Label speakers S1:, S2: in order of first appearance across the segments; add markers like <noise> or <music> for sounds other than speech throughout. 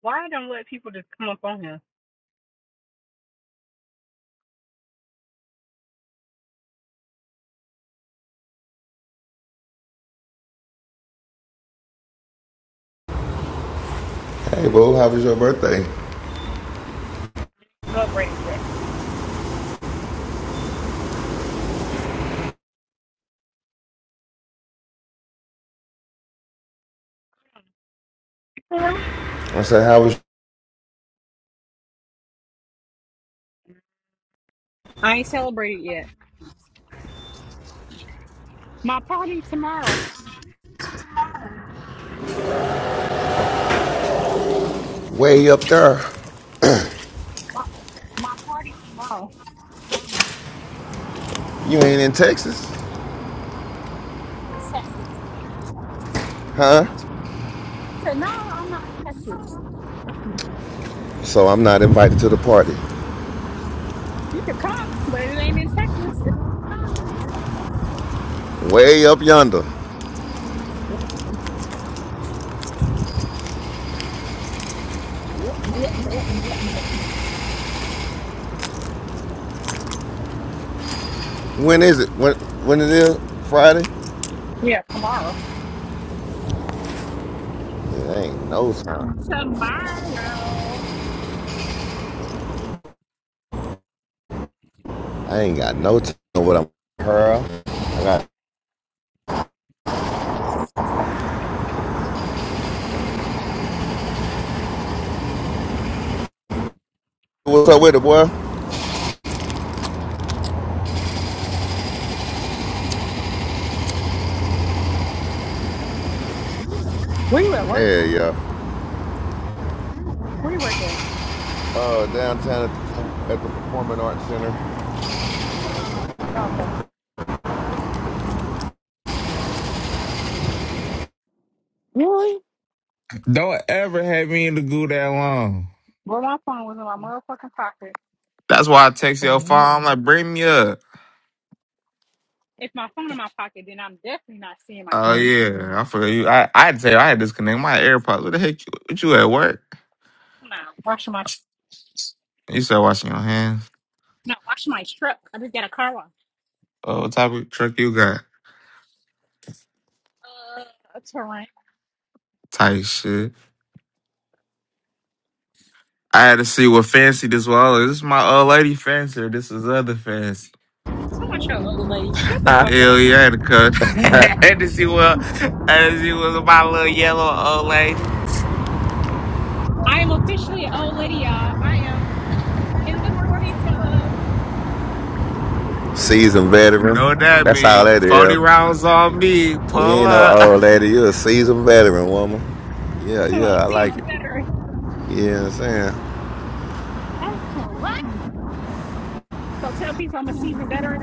S1: Why I don't let people just come up on here?
S2: Hey, boo, how was your birthday?
S1: Celebrated yet? Really?
S2: I said, how was
S1: I
S2: way up there? You ain't in Texas, huh? So I'm not invited to the party.
S1: you can come, but it ain't in Texas. It's,
S2: Way up yonder.
S1: yeah, yeah, yeah, yeah,
S2: When is it? When when it is? Friday? It
S1: yeah. Tomorrow.
S2: ain't no time.
S1: Tomorrow.
S2: I ain't got no time on what I'm girl. I got what's up with it, boy?
S1: Where you at work?
S2: Hell yeah.
S1: Where you work at?
S2: Uh, downtown at the, at the Performing Arts
S1: Oh, okay.
S3: Really?
S4: Don't ever have me in the goo that long.
S1: Well, my phone was in my motherfucking pocket.
S4: That's why I text your phone.
S3: Mm,
S4: I'm like, bring me up.
S1: If my phone in my pocket, then I'm definitely not seeing my
S4: Oh
S3: No,
S1: phone.
S4: yeah, I forgot you. I, I had to tell you, I had to disconnect my AirPods. What the heck? You, what you at work?
S1: I'm washing my
S4: You said washing your hands.
S1: no, washing my truck. I just got a car wash.
S4: Oh, what type of truck you got?
S1: Uh, a terrain.
S4: Tight shit. I had to see what fancy this was. Oh, This is my old lady fancy. Or this is other fancy.
S1: So much your old lady. Shut the fuck up.
S4: Hell yeah, I had to cut. <laughs> I
S2: Center.
S4: had to see what. I had to see what my little yellow old lady.
S1: I am officially an old lady, y'all. I am in the forties club.
S2: <laughs> Seasoned
S4: Know what
S2: veteran.
S4: that
S2: That's all
S4: mean?
S2: that
S4: Forty
S2: is.
S4: rounds on me.
S2: You
S4: Pull
S2: ain't no
S4: up. <laughs>
S2: old lady. You a seasoned veteran woman. Yeah,
S1: So I'm
S2: yeah,
S1: a
S2: I like
S1: seasoned
S2: it.
S1: veteran.
S2: You know what I'm saying?
S1: I'm cool. What? So tell people I'm a seasoned veteran.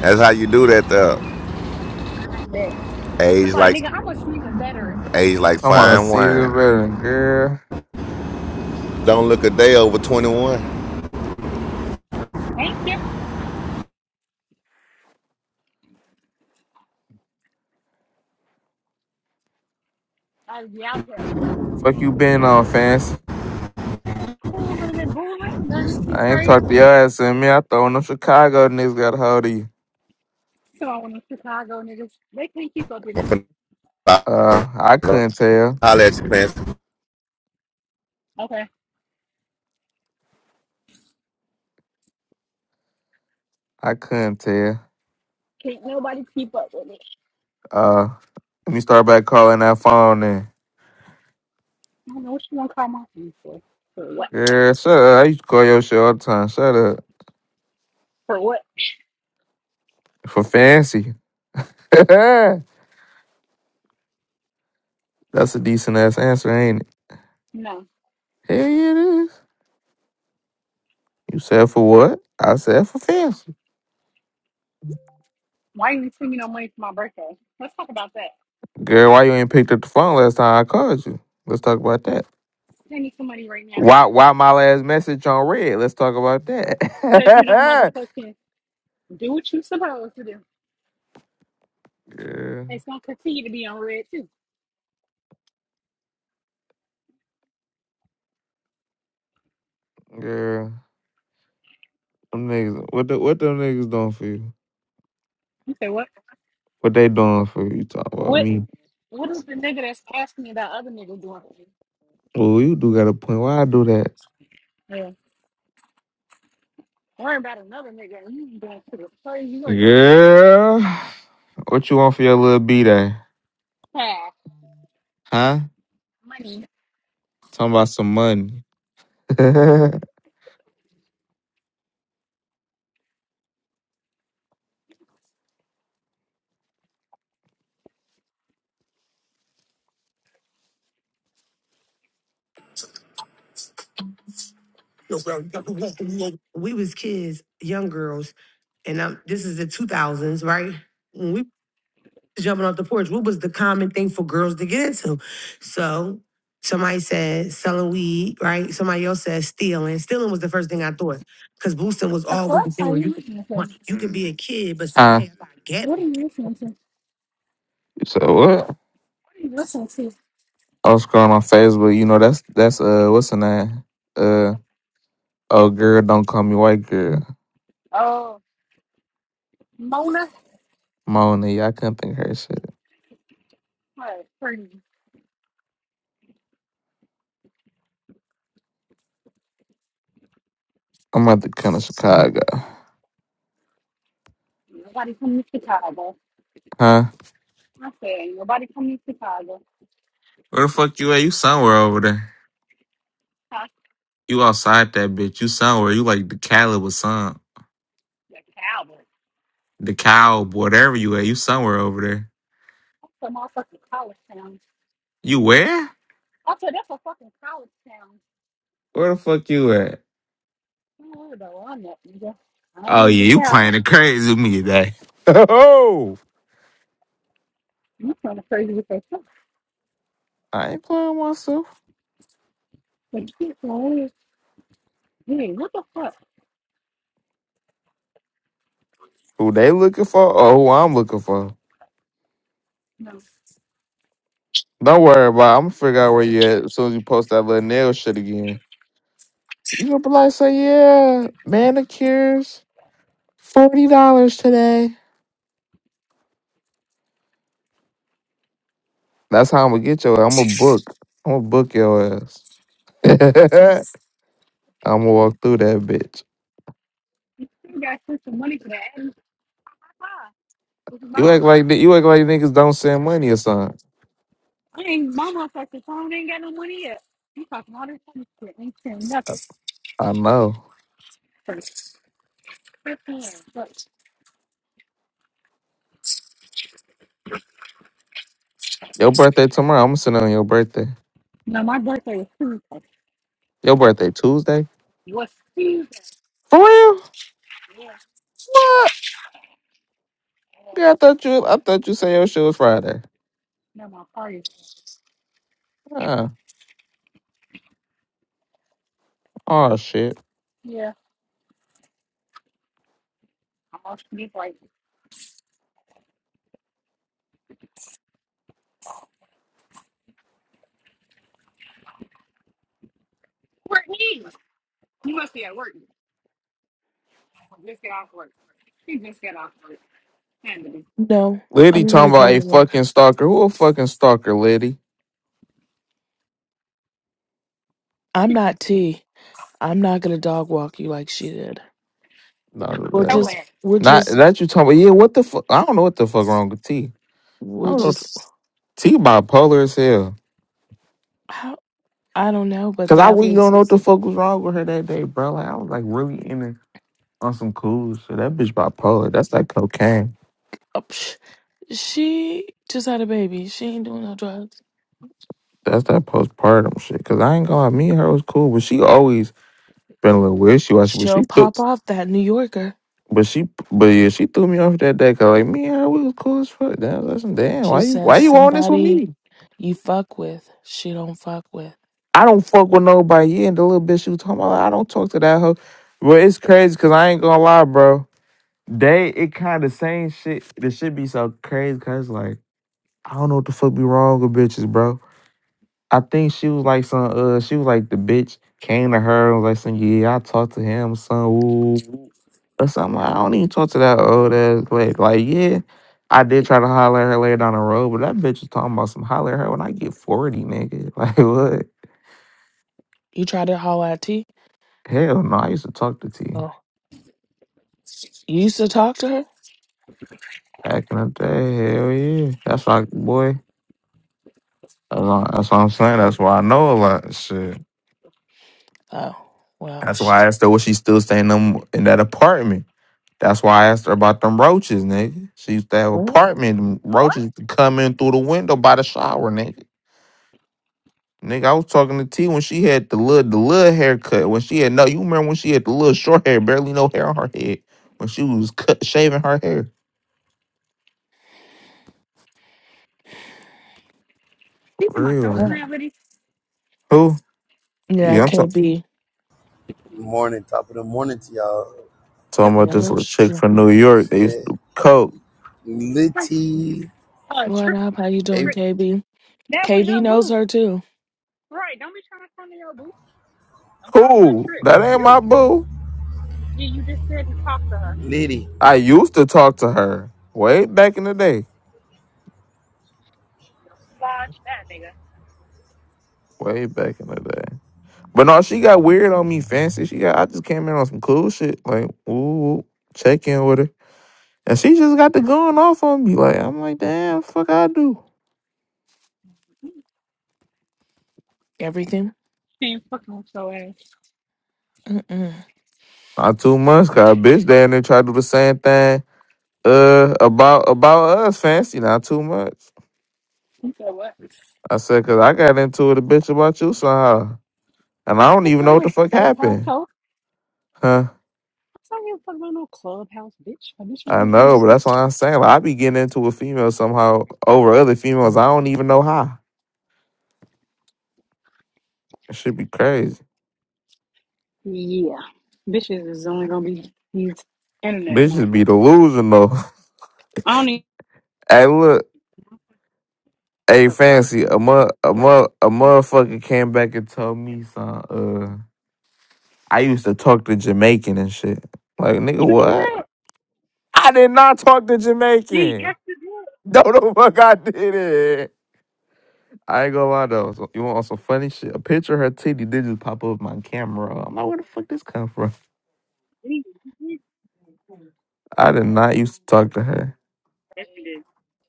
S2: That's how you do that though.
S1: I bet. I'm
S2: Age
S1: like,
S2: like
S1: nigga, I'm a seasoned veteran.
S2: age like
S4: Talking about a
S2: fine
S4: season
S2: wine.
S4: veteran, girl.
S2: Don't look a day over twenty one.
S1: Ain't you? I be out here
S4: Fuck you been on, fancy.
S1: cooling and booling. Nothing too
S4: I ain't
S1: crazy.
S4: talked to your ass in me. I thought when them Chicago niggas got a hold of you.
S1: Come on, one of them Chicago niggas. They can't keep up with
S2: I'm
S1: me.
S2: finna
S4: Uh, I couldn't tell.
S2: holler at you, man.
S1: Okay.
S4: I couldn't tell.
S1: Can't nobody keep up with me.
S4: Uh, let me start back calling that phone then.
S1: I don't know what you want to call my phone for. For what?
S4: Girl, shut up. I used to call your shit all the time. Shut up.
S1: For what?
S4: For fancy. <laughs> That's a decent ass answer, ain't it?
S1: No.
S4: Hell yeah, it is. You said for what? I said for fancy.
S1: Why you send me no money for my birthday? Let's talk about that.
S4: Girl, why you ain't picked up the phone last time I called you? Let's talk about that.
S1: Send me some money right now.
S4: Why why my last message on red? Let's talk about that.
S1: Because you don't
S4: <laughs>
S1: motherfucking do what you supposed to do.
S4: yeah,
S1: It's going to continue to be on red, too.
S4: yeah. Them niggas what the, what them niggas doing for you?
S1: You say what?
S4: What they doing for you? You talking about
S1: What
S4: me.
S1: What is the nigga that's asking me about other niggas doing for you?
S4: Well you do got a point. Why I do that?
S1: Yeah. Worrying about another nigga and you doing for the crazy work.
S4: Girl. What you want for your little B day?
S1: Ha,
S4: Huh?
S1: money.
S4: Talking about some money. <laughs> We was kids, young girls, and i am this is the 2000s, right? When we jumping off the porch. What was the common thing for girls to get into? So somebody said selling weed, right? Somebody else said stealing. Stealing was the first thing I thought because boosting was
S1: Of
S4: always the
S1: course,
S4: thing
S1: are
S4: where you
S1: you
S4: could be
S1: listening to?
S4: money. You could be a kid, but Huh? somebody got get.
S1: What are you listening to? What
S4: So what?
S1: are you listening to?
S4: I was scrolling on Facebook. You know that's that's uh what's her name? Uh oh girl, don't call me white girl.
S1: Oh, Mona.
S4: Mona, yeah, I couldn't think of her shit.
S1: What? Pretty.
S4: I'm about to come to Chicago.
S1: Nobody come to Chicago.
S4: Huh?
S1: I said, ain't nobody come to Chicago.
S4: Where the fuck you at? You somewhere over there?
S1: Huh?
S4: You outside that bitch. You somewhere. You like the Cali with some
S1: The Cowboys.
S4: the cow, whatever you at. You somewhere over there.
S1: That's a motherfucking college town.
S4: You where?
S1: I said, that's a fucking college town.
S4: Where the fuck you at?
S1: I Don't worry about all that, nigga. I ain't
S4: Oh
S1: even
S4: yeah,
S1: get
S4: you
S1: out.
S4: playing the crazy with me today. <laughs> Oh,
S1: You kind of crazy with that shit.
S4: I ain't playing myself.
S1: But keep going. Hey, what the fuck?
S4: Who they looking for? Or who I'm looking for?
S1: No,
S4: Don't worry about. it. I'm gonna figure out where you at as soon as you post that little nail shit again. You gonna be like, say yeah, manicures, forty dollars today. That's how I'm gonna get your. ass. I'm gonna book. I'm gonna book your ass. <laughs> I'ma walk through that bitch.
S1: you got sent some money for that. Hey, Papa, This is Bob.
S4: You act like ni- you act like niggas don't send money or something.
S1: I ain't my motherfucking phone ain't got no money yet. You talking all this funny shit? Ain't saying nothing.
S4: I know.
S1: For fifteen bucks.
S4: Your birthday tomorrow. I'ma send it on your birthday.
S1: No, my birthday was Tuesday.
S4: Your birthday Tuesday.
S1: Was Tuesday?
S4: For real?
S1: Yeah.
S4: What? Yeah, I thought you. I thought you said your shit was Friday.
S1: No, my party.
S4: Ah, oh shit.
S1: Yeah. I lost sleep like Courtney. You must be at work. Just get off work. She just got off work. Handily.
S3: No,
S4: Liddy
S3: I'm
S4: talking
S3: gonna go
S4: about
S3: to
S4: a
S3: work.
S4: fucking stalker. Who a fucking stalker, Liddy?
S3: I'm not T. I'm not gonna dog walk you like she did.
S4: Not of
S3: We'll
S4: that.
S1: So
S3: just,
S1: ass.
S3: we'll
S4: Not
S3: just,
S4: that you talking about. Yeah, what the fuck? I don't know what the fuck wrong with T. I
S3: we'll
S4: don't know.
S3: just.
S4: If T bipolar as hell.
S3: How, I don't know, but
S4: Cause I
S3: that
S4: really don't
S3: was.
S4: know what the fuck was wrong with her that day, bro. Like I was like really in it. on some cool shit. That bitch bipolar. That's that cocaine.
S3: oh, psh, She just had a baby. She ain't doing no drugs.
S4: That's that postpartum shit. Cause I ain't gonna lie, me and her was cool, but she always been a little wishy washy. But she
S3: She'll
S4: threw,
S3: pop off that New Yorker.
S4: but she, but yeah, she threw me off that day. Cause like me and her, we was cool as fuck. Damn, listen, damn,
S3: She
S4: why you, why
S3: says
S4: you on this with
S3: somebody
S4: me?
S3: you fuck with, she don't fuck with.
S4: I don't fuck with nobody. Yeah, and the little bitch she was talking about, I don't talk to that hoe. But it's crazy, cause I ain't gonna lie, bro. They, it kind of same shit. This shit be so crazy, cause like I don't know what the fuck be wrong with bitches, bro. I think she was like some uh she was like the bitch came to her and was like some yeah, I talked to him, son ooh ooh," or something. Like, I don't even talk to that old ass like like yeah. I did try to holler at her later down the road, but that bitch was talking about some holler at her when I get 40, nigga. <laughs> Like what?
S3: You try to holler at T.
S4: Hell no, I used to talk to T
S3: Oh, you used to talk to her.
S4: back in the day. Hell yeah. That's like boy. That's what, that's what I'm saying. That's why I know a lot. Shit.
S3: Oh, well,
S4: That's
S3: sh-
S4: why I asked her was she still staying in, them- in that apartment. That's why I asked her about them roaches, nigga. She used to have an
S3: well,
S4: apartment them
S1: What?
S4: roaches used to come in through the window by the shower, nigga. Nigga, I was talking to T when she had the little the little haircut. When she had no, you remember when she had the little short hair, barely no hair on her head. When she was cut shaving her hair.
S1: These are
S4: For
S1: my show
S4: Real.
S3: wow.
S1: celebrities.
S4: Who?
S3: Yeah,
S4: Yeah, I'm talking
S3: KB.
S5: Morning, top of the morning to y'all.
S4: talking
S1: The
S4: about
S3: Get
S1: what?
S4: this
S3: up
S4: little chick
S3: straight.
S4: from New York. They used to
S5: Shit.
S4: do coke.
S1: Like
S5: Litty.
S1: a <laughs>
S3: What
S1: trip.
S3: up? How you doing,
S5: Hey,
S3: KB?
S1: That was
S3: KB
S1: your
S3: knows
S1: boo.
S3: her too.
S1: Right. Don't be trying to come to your booth. Don't cause her a
S4: Who?
S1: trick.
S4: That ain't
S1: You.
S4: my boo.
S1: You you just said you talked to her.
S5: Litty.
S4: I used to talk to her way back in the day.
S1: You know, Watch that nigga.
S4: Way back in the day. But no, she got weird on me, fancy. She got. I just came in on some cool shit, like ooh, check in with her, and she just got the going off on me. Like I'm like, damn, fuck, I do
S3: Everything.
S1: She ain't fucking with your ass.
S3: Mm-mm.
S4: not too much, cause a bitch down there try to do the same thing. Uh, about about us, fancy, not too much.
S1: You said what?
S4: I said, cause I got into it a bitch about you somehow, and I don't
S1: Fuck
S4: even know
S1: on
S4: what
S1: no
S4: the fuck
S1: clubhouse
S4: happened,
S1: hoe.
S4: huh?
S1: I don't give a fuck about fucking around no clubhouse bitch. A bitch ain't
S4: I
S1: gonna come.
S4: know, but that's what I'm saying. Like, I be getting into a female somehow over other females. I don't even know how. It should be crazy.
S1: Yeah. Bitches is only gonna be used. And
S4: Bitches be delusional. <laughs>
S1: I don't even
S4: Hey, look,
S1: catch
S4: hey,
S1: a flight.
S4: fancy, a mo- a mo- a motherfucker came back and told me some. Uh, I used to talk to Jamaican and shit. Like, nigga,
S1: You did.
S4: what? I did not talk to
S1: Gee, yes
S4: Jamaican. <laughs>
S1: you did.
S4: No, the fuck, I did it. I ain't gonna lie though. So you want some funny shit? A picture of her titty did just pop up my camera. I'm like, where the fuck this come from?
S1: Gee,
S4: I did not used to talk to her.
S1: Yes you did.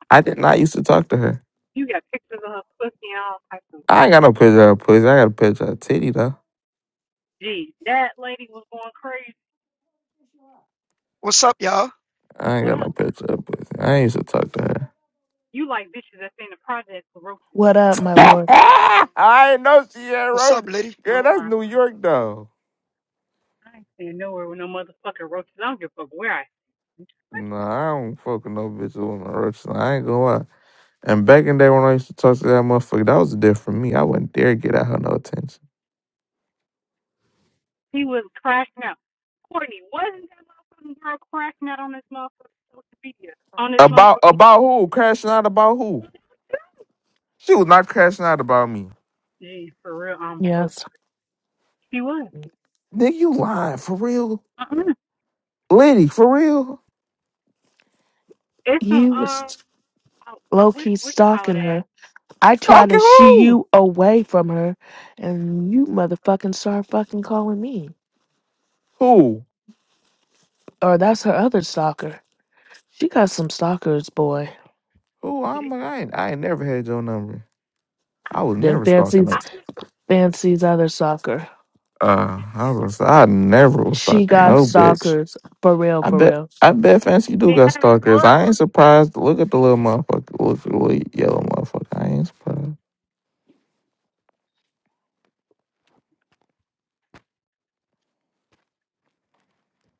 S4: I did not used to talk to her.
S1: You got pictures of her pussy and all types of.
S4: I ain't got no picture of her pussy. I got a picture of her titty though.
S1: Gee, that lady was going crazy.
S6: What's up, y'all?
S4: I ain't
S1: What
S4: got
S1: up?
S4: no picture of her pussy. I ain't used to talk to her.
S1: You like bitches that's in the project for roaches.
S3: What up, my
S4: <laughs>
S3: lord?
S4: I ain't know she had
S6: What's up,
S4: roaches.
S6: lady?
S4: Girl,
S1: Oh
S4: that's
S1: my,
S4: New York though.
S1: I ain't seen nowhere with no motherfucking roaches. I don't give a fuck where I.
S4: Nah, I don't fuck with no bitch on the roach. I ain't gonna lie. And back in the day when I used to talk to that motherfucker, that was different for me. I wouldn't dare get at her no attention.
S1: He was crashing out. Courtney, wasn't that motherfucking girl crashing out on this motherfucking social media? On this
S4: About
S1: motherfucking.
S4: about who? Crashing out about who? She was not crashing out about me.
S1: Gee, for real, I'm so.
S3: Yes.
S1: She was.
S4: Nigga, you lying for real?
S1: Uh-uh.
S4: Liddy, for real?
S1: It's an um.
S3: You was
S1: I, I
S3: low
S1: wish
S3: key
S1: wish to call it
S3: stalking
S1: ass.
S3: her. I tried
S4: Stalking
S3: to shoo
S4: who?
S3: you away from her, and you motherfucking start fucking calling me.
S4: Who?
S3: Or that's her other stalker. She got some stalkers, boy.
S4: Who? I'm like, I ain't I ain't never had your number.
S1: I
S4: I was
S3: Then
S1: don't-
S4: never stalking her.
S3: fancies
S1: I don't-
S3: fancies other stalker.
S4: Uh, I was I never was
S3: She
S4: stalking
S3: got
S4: no bitch.
S3: stalkers for real,
S4: I
S3: for
S4: bet
S3: real.
S4: I bet Fancy do got stalkers.
S1: clubs
S4: I ain't surprised. Look at the little
S1: recently.
S4: motherfucker. Look at the little yellow motherfucker. I ain't surprised.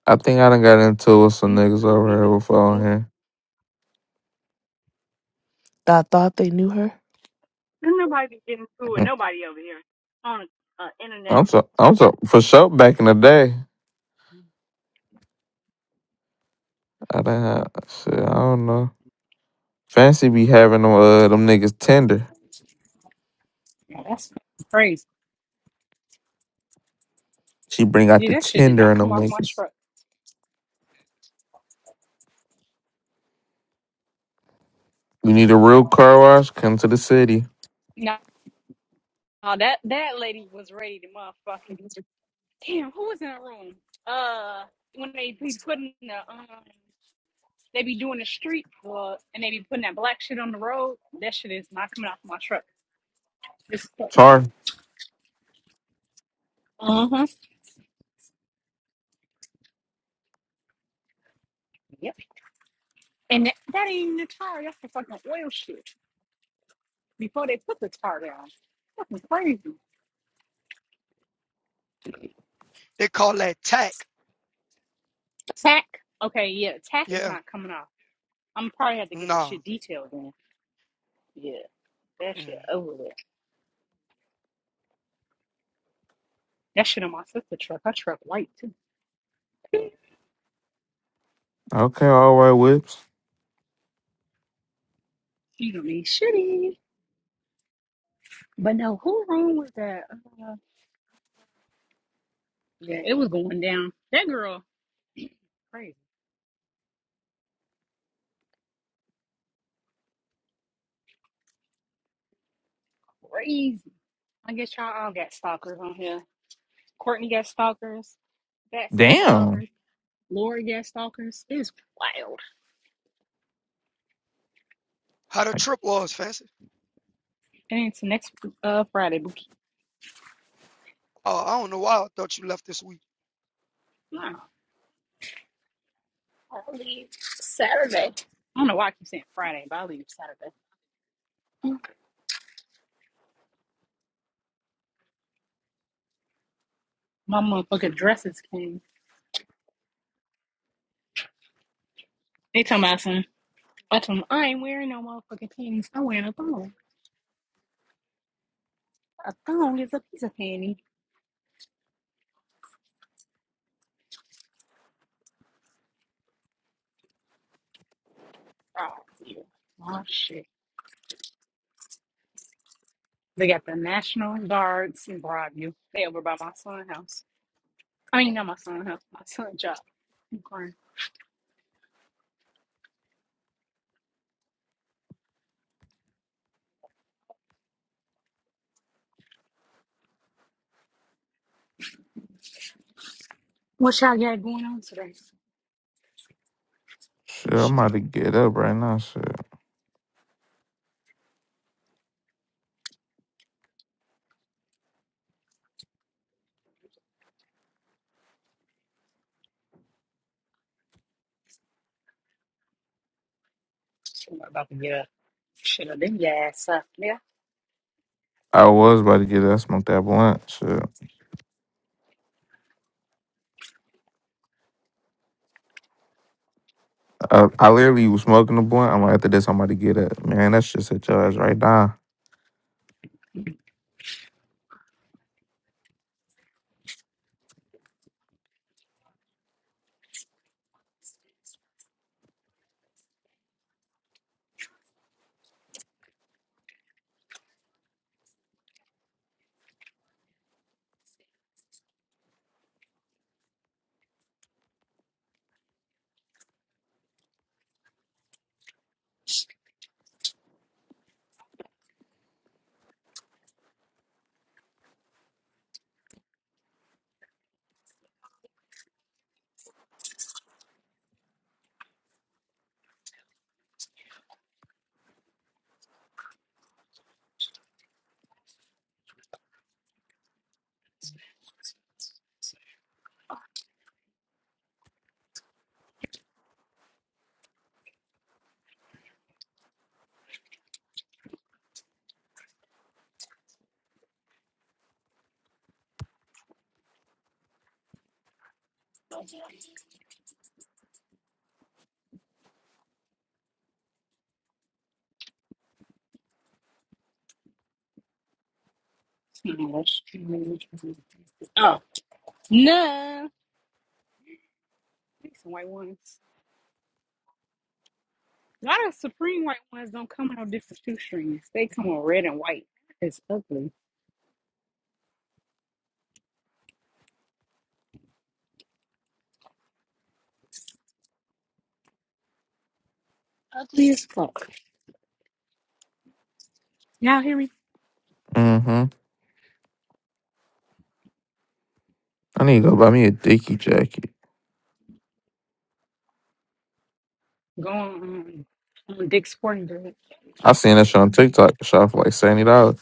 S4: I think I done got into it with some
S1: These
S4: niggas
S1: people
S4: over here
S1: be
S4: before on here.
S3: I thought they knew her.
S1: nobody be getting through it.
S4: Mhm.
S1: Nobody over here on uh, internet.
S4: I'm so I'm so for sure back in the day. I done had shit, I don't know. Fancy be having them uh them niggas tender.
S1: Yeah, that's crazy.
S4: She bring out the
S1: Yeah, that shit did
S4: tender
S1: not
S4: and
S1: come
S4: them
S1: off my
S4: niggas.
S1: truck.
S4: You need a real car wash, come to the city.
S1: No, that that lady was ready to motherfucking. Damn, who was in the room? Uh, when they be putting the um, they be doing the street plug and they be putting that black shit on the road. That shit is not coming off my truck. It's fucking.
S4: Tar.
S1: wrong. Uh huh. Yep. And that, that ain't even the tire. That's the fucking oil shit. Before they put the tire down, fucking crazy.
S6: They call that tack.
S1: Tack. Okay, yeah, tack is
S6: Yeah.
S1: not coming off. I'm probably have to get the
S6: Nah.
S1: shit detailed in. Yeah, that
S6: Yeah.
S1: shit over with. That shit on my sister truck. Her truck white too.
S4: Okay, all right, whips.
S1: She gonna be shitty. But no, who wrong with that? Uh, yeah, it was going down. That girl crazy, crazy. I guess y'all all got stalkers on here. Courtney got stalkers. Patsy got
S4: Damn.
S1: stalkers. Lori got stalkers. It's wild.
S6: How the
S4: Like,
S6: trip was, Fancy?
S1: And it's next uh Friday, Bookie.
S6: Oh, I don't know why I thought you left this week.
S1: No, I leave Saturday. I don't know why I keep saying Friday, but I leave Saturday. My motherfucking dresses came. They talking about some. I told them I ain't wearing no motherfucking panties. I'm wearing a thong. A thong is a piece of panty. Oh, ew. oh shit. They got the National Guards in Broadview. They over by my son's house. I mean, not my son's house, my son's job. I'm crying. What y'all got going on today?
S4: shit, I'm
S6: Shit.
S4: about to get up right now. Shit.
S1: Shit, I'm about to get up. Shit, I didn't get ass up. Yeah.
S4: I was about to get that smoke that blunt. Shit. I, I literally was smoking the blunt. I'm like, after this, I'm about to get it. Man, that shit hit your ass right now.
S1: Hmm, that's true. Oh, no. These some white ones. A lot of Supreme white ones don't come in no different shoe strings. They come on red and white. It's ugly. Ugly as fuck. Y'all hear me?
S4: Mm-hmm. I need to go buy me a dicky jacket.
S1: Go on, um, on Dick's Sporting Goods.
S4: I seen that shit on TikTok. It shot for like seventy dollars.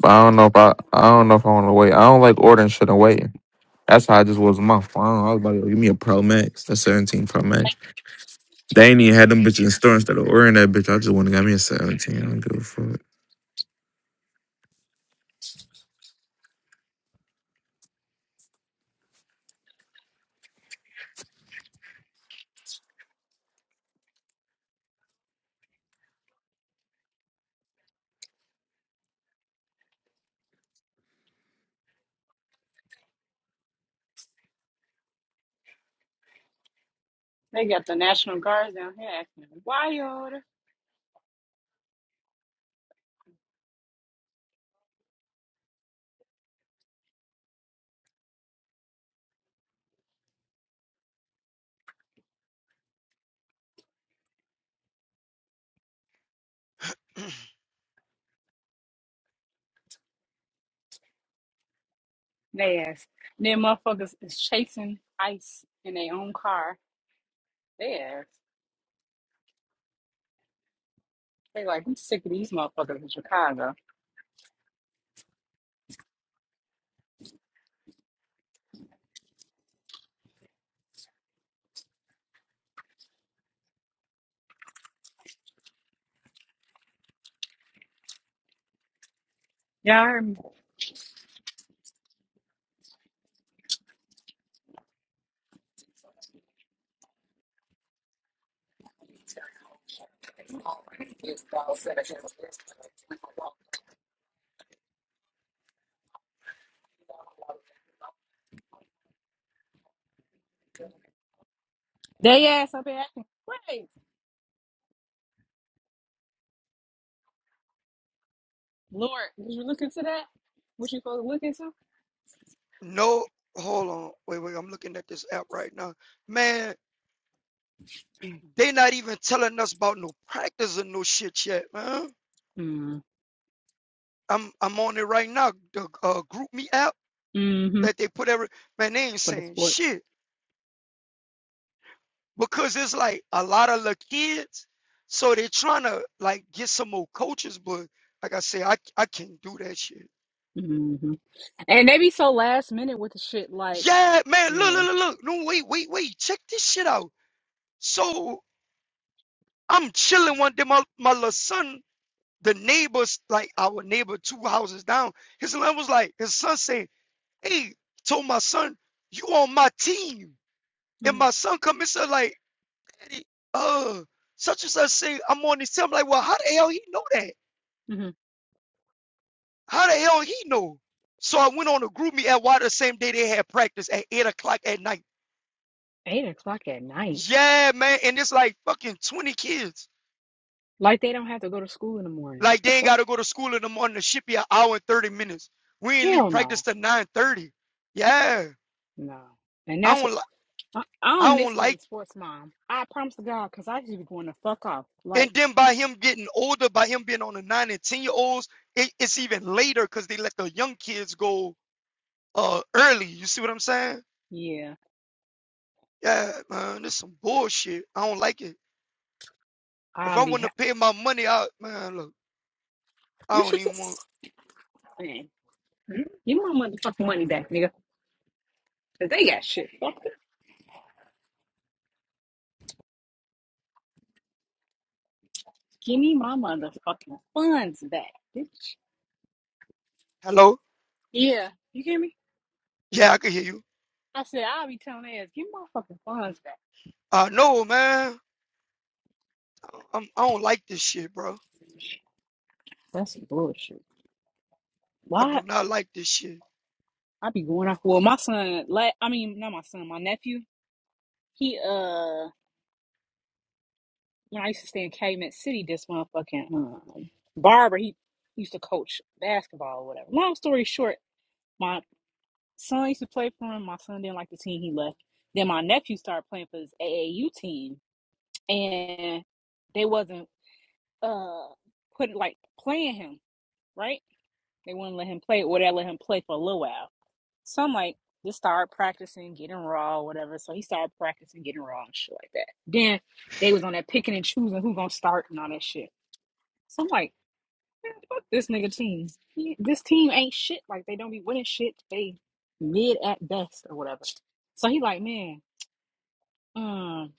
S4: But I don't know if I, I don't know if I want to wait. I don't like ordering shit and waiting. That's how I just was with my phone. I was about to go, give me a Pro Max, the 17 Pro Max. They ain't even had them bitches in store instead of ordering that bitch. I just want to get me a 17. I don't give a fuck.
S1: They got the National Guards down here acting wild.
S6: <clears throat>
S1: They ass. Then motherfuckers is chasing ice in their own car. They ass. They like, I'm sick of these motherfuckers in Chicago. Y'all heard me? They ass up here acting crazy. Lord, did you look into that? What you supposed to look into?
S6: no, hold on. Wait, wait. I'm looking at this app right now. Man, they not even telling us about no practice or no shit yet, man.
S1: Mm.
S6: I'm I'm on it right now. The uh, group me app
S1: Mm-hmm.
S6: that they put every man, they ain't
S1: For the
S6: saying
S1: sports.
S6: shit. because it's like a lot of the kids, so they're trying to like get some more coaches, but like I say, I I can't do that shit.
S1: Mm-hmm. And they be so last minute with the shit like
S6: Yeah, man, look,
S1: Yeah.
S6: look, look, look. No, wait, wait, wait. Check this shit out. So I'm chilling one day. My my little son, the neighbors, like our neighbor two houses down, his son was like, his son saying, Hey, told my son, you on my team. And
S1: hmm
S6: my son come and said, like, Eddie, uh, such and such say I'm on his team. I'm like, well, how the hell he know that?
S1: hmm
S6: How the hell he know? So I went on to group me at water the same day they had practice at eight o'clock at night.
S1: Eight o'clock at night.
S6: Yeah, man. And it's like fucking 20 kids.
S1: Like they don't have to go to school in the morning. What
S6: Like
S1: the
S6: they ain't
S1: fuck?
S6: gotta go to school in the morning. The ship be an hour and 30 minutes. We ain't leave
S1: Hell
S6: practice
S1: no.
S6: till 9:30. Yeah.
S1: No. And
S6: I
S1: that's
S6: don't
S1: what
S6: li-
S1: I, I don't
S6: I
S1: miss
S6: don't
S1: being
S6: like
S1: a
S6: it.
S1: sports mom. I promise to God, because I just be going to fuck off.
S6: and
S1: Like,
S6: then by him getting older, by him being on the nine and ten year olds, it, it's even later because they let the young kids go uh early. You see what I'm saying?
S1: yeah,
S6: Yeah, man, this is some bullshit. I don't like it. If
S1: I'll
S6: I
S1: be
S6: wouldn't
S1: happy.
S6: have paid my money out, man, look,
S1: You
S6: I don't
S1: should
S6: even want.
S1: just, man, give me my motherfucking money back, nigga. Because they got shit. Fuck it. Give me my motherfucking funds back, bitch.
S6: Hello?
S1: Yeah. You hear me?
S6: Yeah, I can hear you.
S1: I said, I'll be telling ass, give me my fucking funds back.
S6: I know, man, I- I'm, I don't like this shit, bro.
S1: That's bullshit.
S6: I
S1: Why?
S6: do not like this shit.
S1: I be going off. Well, my son, like I mean, not my son, my nephew. He uh, when I used to stay in Calumet City, this motherfucking um, barber, he used to coach basketball or whatever. Long story short, my son used to play for him. My son didn't like the team, he left. Then my nephew started playing for his AAU team, and they wasn't uh put like playing him right. They wouldn't let him play, or they let him play for a little while. So I'm like, just start practicing getting raw, or whatever. So he started practicing getting raw and shit like that. Then they was on that picking and choosing who gonna start and all that shit. So I'm like, man, fuck this nigga team. He- This team ain't shit. Like they don't be winning shit. They mid at best or whatever. So he like, man, um,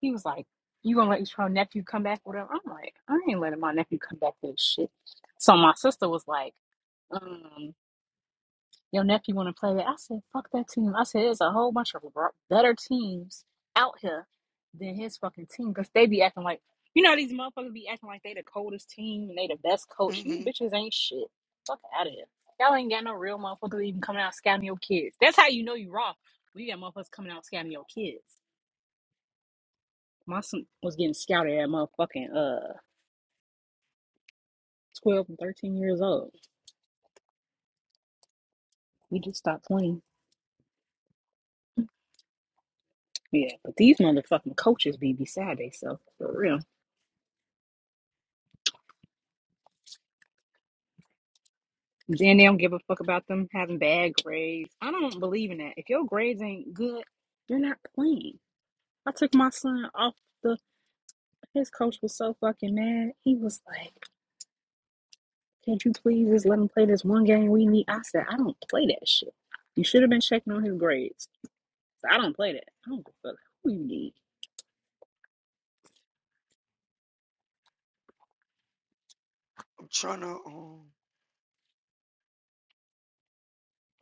S1: he was like, you gonna let your nephew come back, or whatever. I'm like, I ain't letting my nephew come back to this shit. So my sister was like, um. Your nephew want to play it. I said, fuck that team. I said, there's a whole bunch of better teams out here than his fucking team because they be acting like, you know, these motherfuckers be acting like they the coldest team and they the best coach. You
S6: hmm
S1: bitches ain't shit. Fuck out of here. Y'all ain't got no real motherfuckers even coming out scouting your kids. That's how you know you wrong. We got motherfuckers coming out scouting your kids. My son was getting scouted at motherfucking uh 12 and 13 years old. We just stopped playing. Yeah, but these motherfucking coaches be beside themselves for real. Then they don't give a fuck about them having bad grades. I don't believe in that. If your grades ain't good, you're not playing. I took my son off the. His coach was so fucking mad. He was like, "Can't you please just let him play this one game we need?" I said, "I don't play that shit. You should have been checking on his grades. So I don't play that. I don't give a fuck who you need."
S6: I'm trying to, um,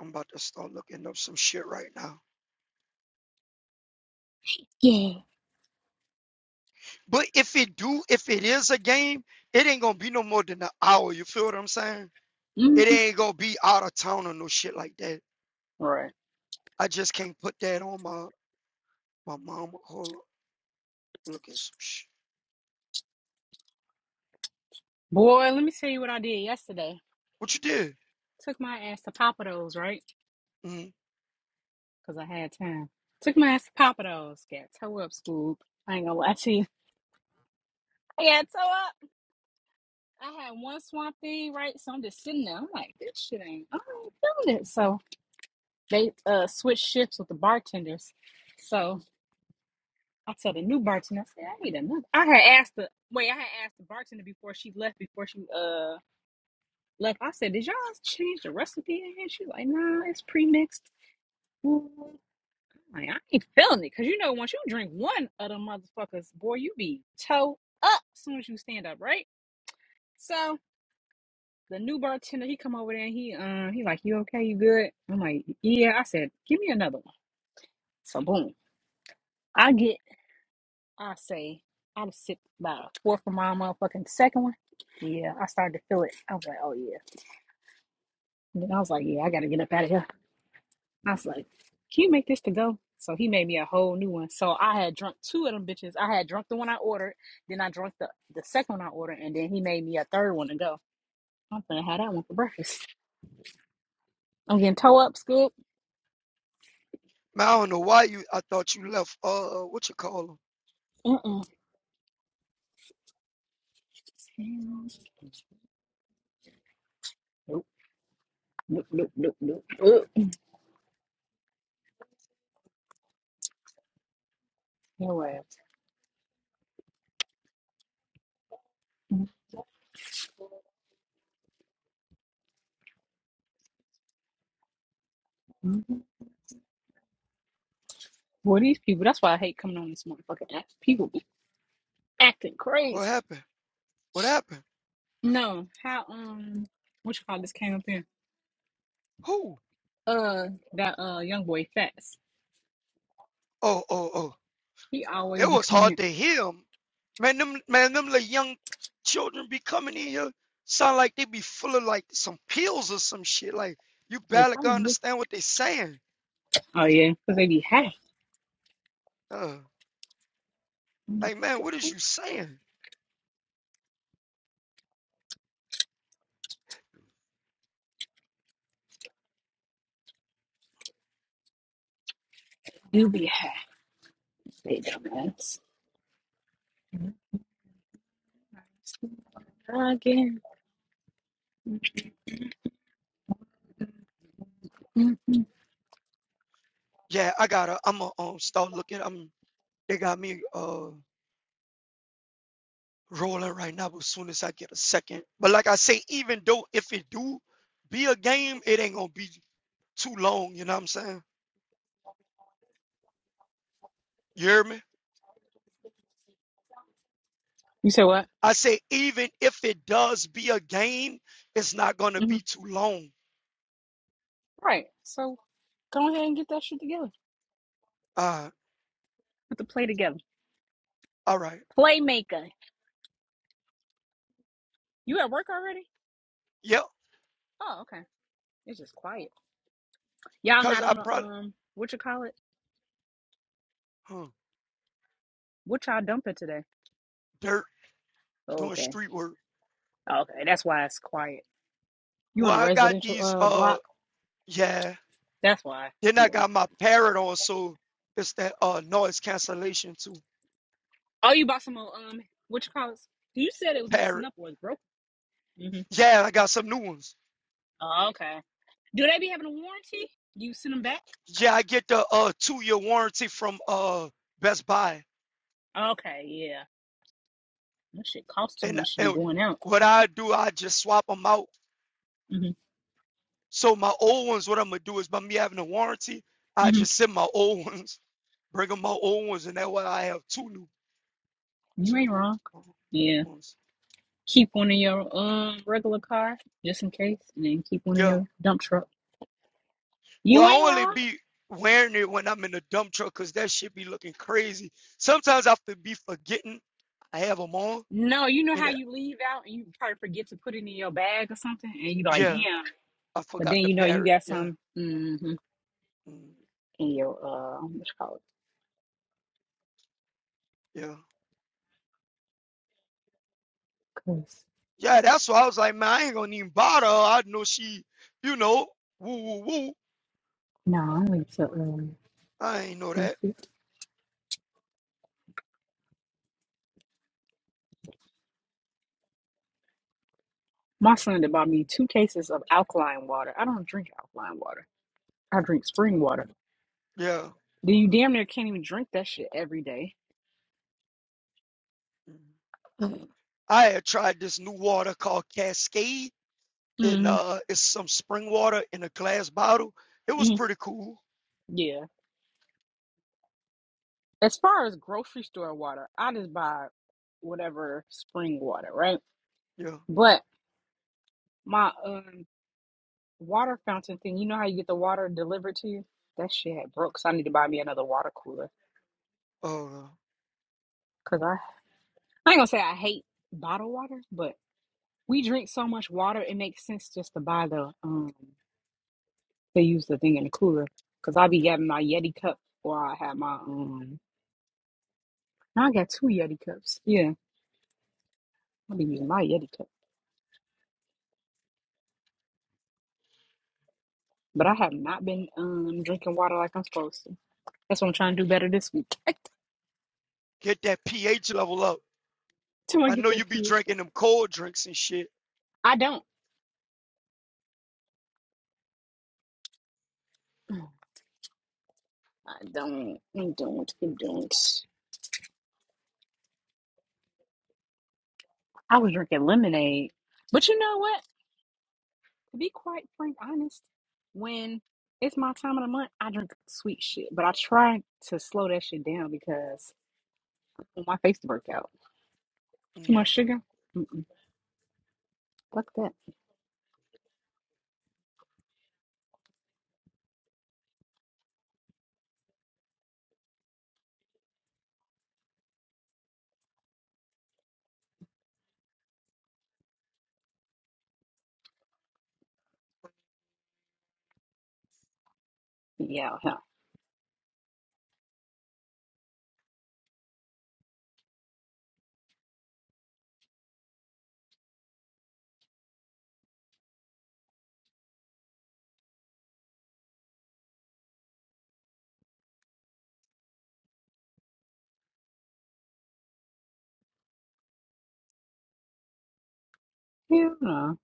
S6: I'm about to start looking up some shit right now.
S1: Yeah.
S6: But if it do, if it is a game, it ain't gonna be no more than an hour. You feel what I'm saying? It
S1: hmm
S6: ain't gonna be out of town or no shit like that.
S1: Right.
S6: I just can't put that on my my mama. Hold up, look at some shit.
S1: Boy, let me tell you what I did yesterday.
S6: What you did?
S1: Took my ass to Papa Do's, right?
S6: Mm.
S1: because I had time. Took my ass to Papa Do's. Got toe up, Scoop. I ain't gonna lie to you. <laughs> I got toe up. I had one swamp thing, right? So I'm just sitting there. I'm like, this shit ain't, I ain't feeling it. So they uh switched shifts with the bartenders. So I tell the new bartender, I said, I need another. I had asked the, wait, I had asked the bartender before she left, before she uh left. I said, did y'all change the recipe in here? She was like, nah, it's pre-mixed. Like, I ain't feeling it. Cause you know, once you drink one of them motherfuckers, boy, you be toe up as soon as you stand up, right? So the new bartender, he come over there and he uh he like, You okay, you good? I'm like, Yeah. I said, Give me another one. So boom. I get I say I'd sip about a fourth of my motherfucking second one. Yeah, I started to feel it. I was like, Oh yeah. And then I was like, Yeah, I gotta get up out of here. I was like, can you make this to go? So he made me a whole new one. So I had drunk two of them bitches. I had drunk the one I ordered, then I drunk the, the second one I ordered, and then he made me a third one to go. I'm gonna have that one for breakfast. I'm getting toe up, scoop.
S6: Man, I don't know why you. I thought you left. Uh, uh, what you call him?
S1: Mm-mm. Nope, nope, nope, nope, nope. Ugh. No abs. Mm-mm. Well, these people, that's why I hate coming on this motherfucking app. People be acting
S6: What
S1: crazy.
S6: happened? What happened?
S1: No, how, um, what you call this came up here?
S6: Who?
S1: Uh, that, uh, young boy Fats.
S6: Oh, oh, oh.
S1: He always
S6: It
S1: be
S6: was
S1: coming here.
S6: hard to hear 'em. Man, them man, them little young children be coming in here. Sound like they be full of like some pills or some shit. Like you
S1: They
S6: barely can
S1: probably do.
S6: understand what they saying.
S1: Oh yeah, because they be high.
S6: Uh, like man, what is you saying?
S1: You be high, they dumbass. Again. Mhm.
S6: Yeah, I gotta. I'm gonna um, start looking. I'm. They got me uh rolling right now. But as soon as I get a second, but like I say, even though if it do be a game, it ain't gonna be. too long, you know what I'm saying? You hear me?
S1: You said what?
S6: I say even if it does be a game, it's not gonna
S1: hmm
S6: be too long.
S1: Right. So go ahead and get that shit together.
S6: Uh
S1: Put the play together.
S6: all right.
S1: Playmaker. You at work already?
S6: Yep,
S1: Oh, okay. It's just quiet. Y'all
S6: cause
S1: not
S6: I
S1: on the
S6: probably
S1: um what you call it?
S6: huh,
S1: What y'all dumping today?
S6: dirt
S1: Oh,
S6: doing
S1: okay.
S6: street work.
S1: Oh, Okay, that's why it's quiet. You on
S6: Well,
S1: a
S6: I got
S1: residential
S6: these
S1: uh
S6: uh
S1: block?
S6: yeah.
S1: That's why.
S6: Then I
S1: Yeah.
S6: got my parrot on, so it's that uh noise cancellation too.
S1: Oh, you bought some old um what you call it? You said it was messing
S6: Parrot.
S1: up or it's broken. hmm
S6: Yeah, I got some new ones.
S1: Oh, okay. Do they be having a warranty? Do you send them back?
S6: Yeah, I get the uh two year warranty from uh Best Buy.
S1: Okay, yeah. That shit costs too
S6: And,
S1: much to be
S6: and
S1: going out.
S6: what I do, I just swap them out
S1: hmm
S6: So my old ones, what I'm gonna do is by me having a warranty, I
S1: hmm
S6: just send my old <laughs> ones, bring them my old ones, and that way I have two new,
S1: You
S6: two
S1: ain't
S6: new
S1: wrong.
S6: uh,
S1: Yeah.
S6: ones.
S1: Keep one in your um regular car just in case, and then keep one in
S6: Yeah.
S1: your dump truck.
S6: Well,
S1: You ain't
S6: I only
S1: wrong.
S6: be wearing it when I'm in the dump truck, cause that shit be looking crazy. Sometimes I have to be forgetting I have them on,
S1: No, you know
S6: and
S1: how
S6: it,
S1: you leave out and you probably forget to put it in your bag or something, and you like,
S6: yeah,
S1: damn.
S6: I
S1: But
S6: forgot
S1: then
S6: the
S1: you know you
S6: parrot.
S1: got
S6: Yeah.
S1: some mhm,
S6: Mm,
S1: in your uh, what's it called?
S6: yeah. Yeah, that's why I was like, man, I ain't gonna even bother. her. I know she, you know, woo woo woo.
S1: No,
S6: I ain't know that.
S1: my son that bought me two cases of alkaline water. I don't drink alkaline water. I drink spring water
S6: Yeah.
S1: Then you damn near can't even drink that shit every day?
S6: Mm. I had tried this new water called Cascade, and
S1: Mm-hmm.
S6: uh, it's some spring water in a glass bottle. It was
S1: mm-hmm.
S6: pretty cool.
S1: Yeah. As far as grocery store water, I just buy whatever spring water, right?
S6: Yeah.
S1: But my um water fountain thing, you know how you get the water delivered to you? That shit had broke, so I need to buy me another water cooler.
S6: Uh,
S1: Cause I, I ain't gonna say I hate bottled water, but we drink so much water, it makes sense just to buy the um they use the thing in the cooler. Cause I be having my Yeti cup, or I have my um. Now I got two Yeti cups. Yeah i be using my Yeti cup. But I have not been um drinking water like I'm supposed to. That's what I'm trying to do better this week. <laughs>
S6: get that pH level up.
S1: Till I
S6: I
S1: get
S6: know you
S1: that
S6: be
S1: pH. one.
S6: drinking them cold drinks and shit.
S1: I don't. I don't. I don't. I don't. I was drinking lemonade. But you know what? To be quite frank, honest, when it's my time of the month, I drink sweet shit. But I try to slow that shit down because I want my face to work out. Too
S6: Mm.
S1: much sugar? Mm, Fuck that. Yeah, hell. Hell no.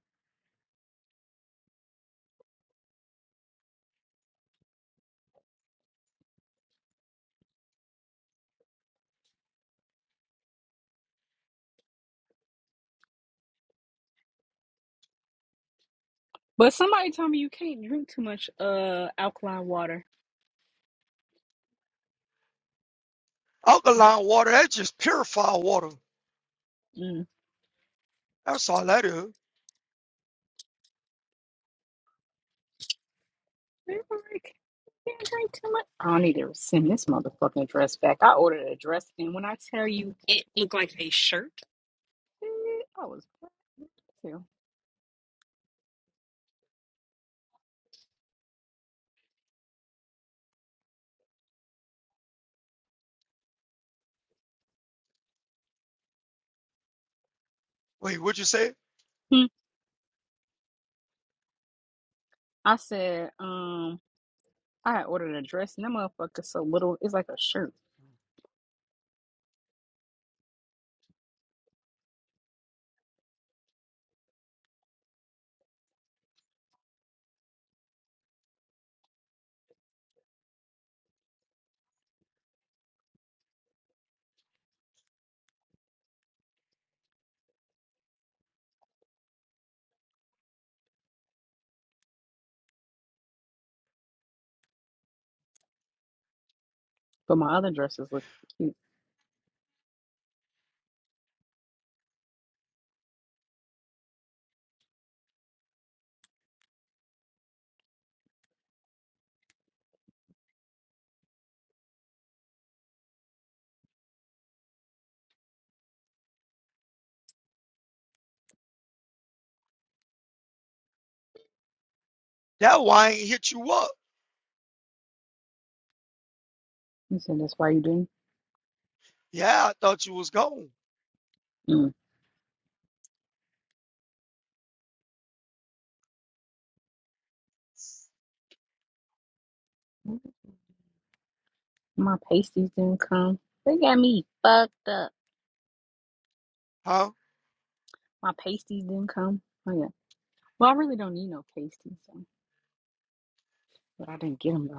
S1: But somebody told me you can't drink too much uh alkaline water.
S6: Alkaline water, that's just purified water.
S1: Mm.
S6: That's all that is.
S1: They were like, "You can't drink too much. I need to send this motherfucking dress back. I ordered a dress, and when I tell you it looked like a shirt, eh, I was too.
S6: Wait, what you say?
S1: Hmm. I said, um, I had ordered a dress, and that motherfucker's so little, it's like a shirt. But my other dresses look cute.
S6: That wine hit you up.
S1: You said that's why you didn't.
S6: Yeah, I thought you was gone.
S1: Mm. My pasties didn't come. They got me fucked up.
S6: Huh?
S1: My pasties didn't come. Oh yeah. Well, I really don't need no pasties, so, but I didn't get them though.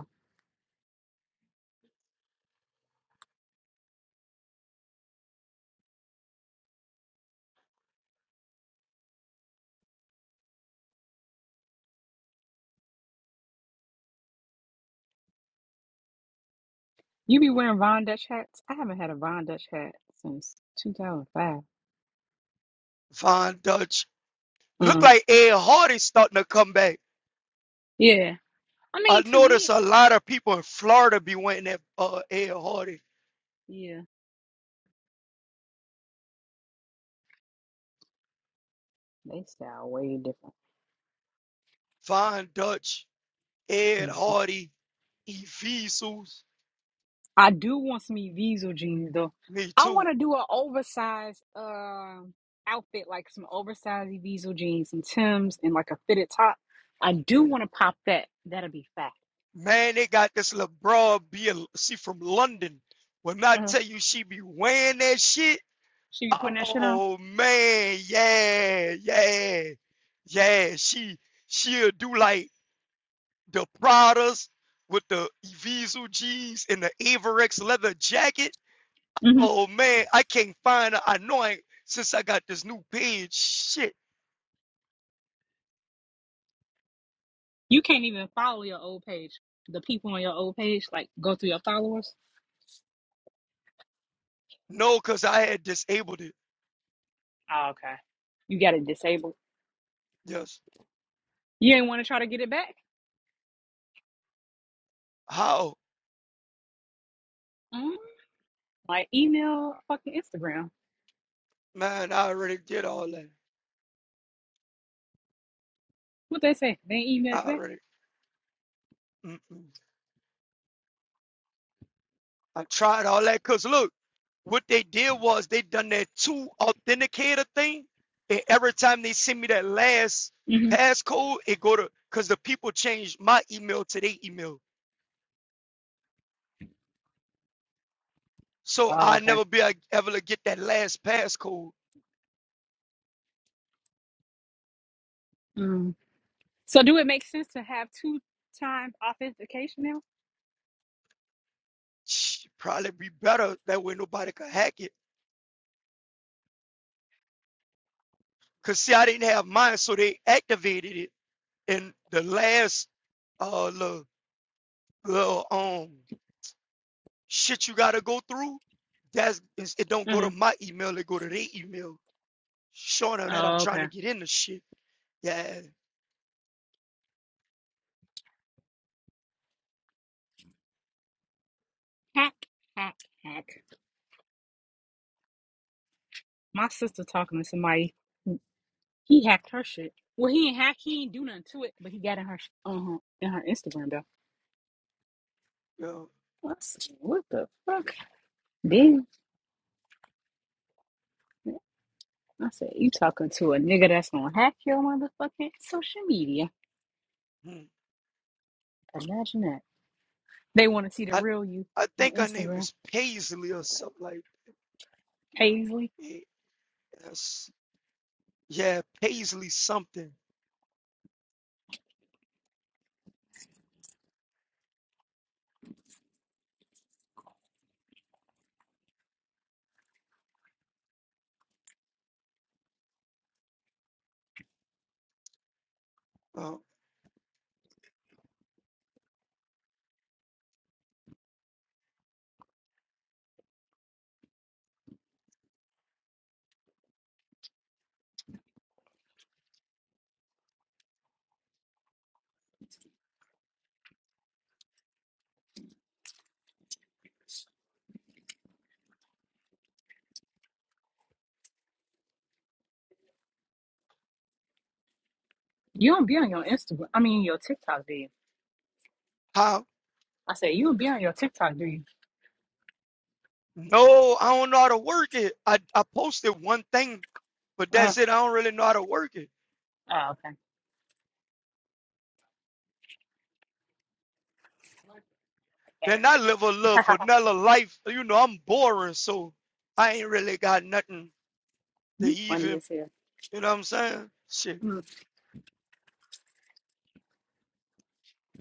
S1: You be wearing Von Dutch hats? I haven't had a Von Dutch hat since 2005.
S6: Fine Dutch. Look
S1: Mm.
S6: like Ed Hardy's starting to come back.
S1: Yeah. I
S6: I
S1: mean, to
S6: noticed
S1: me,
S6: a lot of people in Florida be wanting that uh, Ed Hardy.
S1: yeah, they sound way different.
S6: Von Dutch, Ed
S1: Mhm.
S6: Hardy, Ephesus,
S1: I do want some Eviso jeans, though.
S6: me
S1: I
S6: too.
S1: want to do an oversized uh, outfit, like some oversized Eviso jeans, some Tims, and like a fitted top. I do
S6: Mm.
S1: want to pop that. That'll be fat.
S6: Man, they got this little broad she from London. When I
S1: Uh-huh.
S6: tell you she be wearing that shit,
S1: She be putting that shit on.
S6: oh man, yeah, yeah, yeah. She she'll do like the Pradas with the Evisu jeans and the Averex leather jacket.
S1: hmm
S6: Oh man, I can't find her. I know I since I got this new page. Shit.
S1: You can't even follow your old page. The people on your old page, like, go through your followers.
S6: No, because I had disabled it.
S1: Oh, okay. You got it disabled.
S6: Yes.
S1: You ain't want to try to get it back?
S6: How?
S1: Mm-hmm. Like email fucking Instagram.
S6: Man, I already did all that.
S1: What they say? They ain't email
S6: I
S1: you back?
S6: already. Mm-mm. I tried all that. Because look, what they did was they done that two authenticator thing. And every time they send me that last
S1: hmm
S6: passcode, it go to, because the people changed my email to their email. So
S1: Oh,
S6: I
S1: okay.
S6: never be a- able to get that last passcode.
S1: Mm. So do it make sense to have two times authentication now?
S6: Sh- Probably be better. That way nobody could hack it. Because see, I didn't have mine, so they activated it and the last uh little, little um shit you gotta go through, that's it's- it don't go
S1: hmm
S6: to my email, it go to their email, showing them that I'm
S1: Oh,
S6: trying
S1: okay.
S6: to get in the shit. Yeah,
S1: Hack, hack, hack. My sister talking to somebody. He hacked her shit. Well, he ain't hack. He ain't do nothing to it, but he got in her sh- uh-huh, in her Instagram though.
S6: yo,
S1: What the fuck? Damn. I said, you talking to a nigga that's gonna hack your motherfucking social media.
S6: hmm.
S1: Imagine that. They wanna see the
S6: I
S1: real you
S6: I
S1: on
S6: think her name
S1: Instagram.
S6: is Paisley or something like. that.
S1: Paisley,
S6: Yes, yeah, yeah, Paisley something. Uh,
S1: you don't be on your Instagram. I mean, your TikTok, do you?
S6: how?
S1: I said, you don't be on your TikTok, do you?
S6: No, I don't know how to work it. I I posted one thing, but
S1: Uh,
S6: that's it. I don't really know how to work it.
S1: oh, okay.
S6: Then I live a little
S1: <laughs>
S6: vanilla life. You know, I'm boring, so I ain't really got nothing to
S1: you funny
S6: even,
S1: as hell.
S6: you know what I'm saying? Shit,
S1: Mm.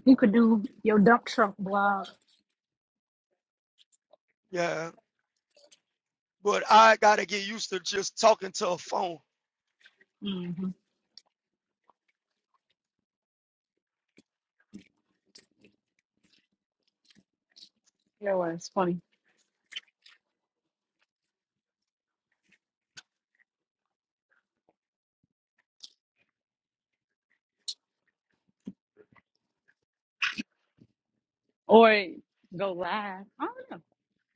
S1: You could do your dump truck blog.
S6: yeah. But I gotta get used to just talking to a phone.
S1: Mm-hmm. That was funny. Or go live. I don't know.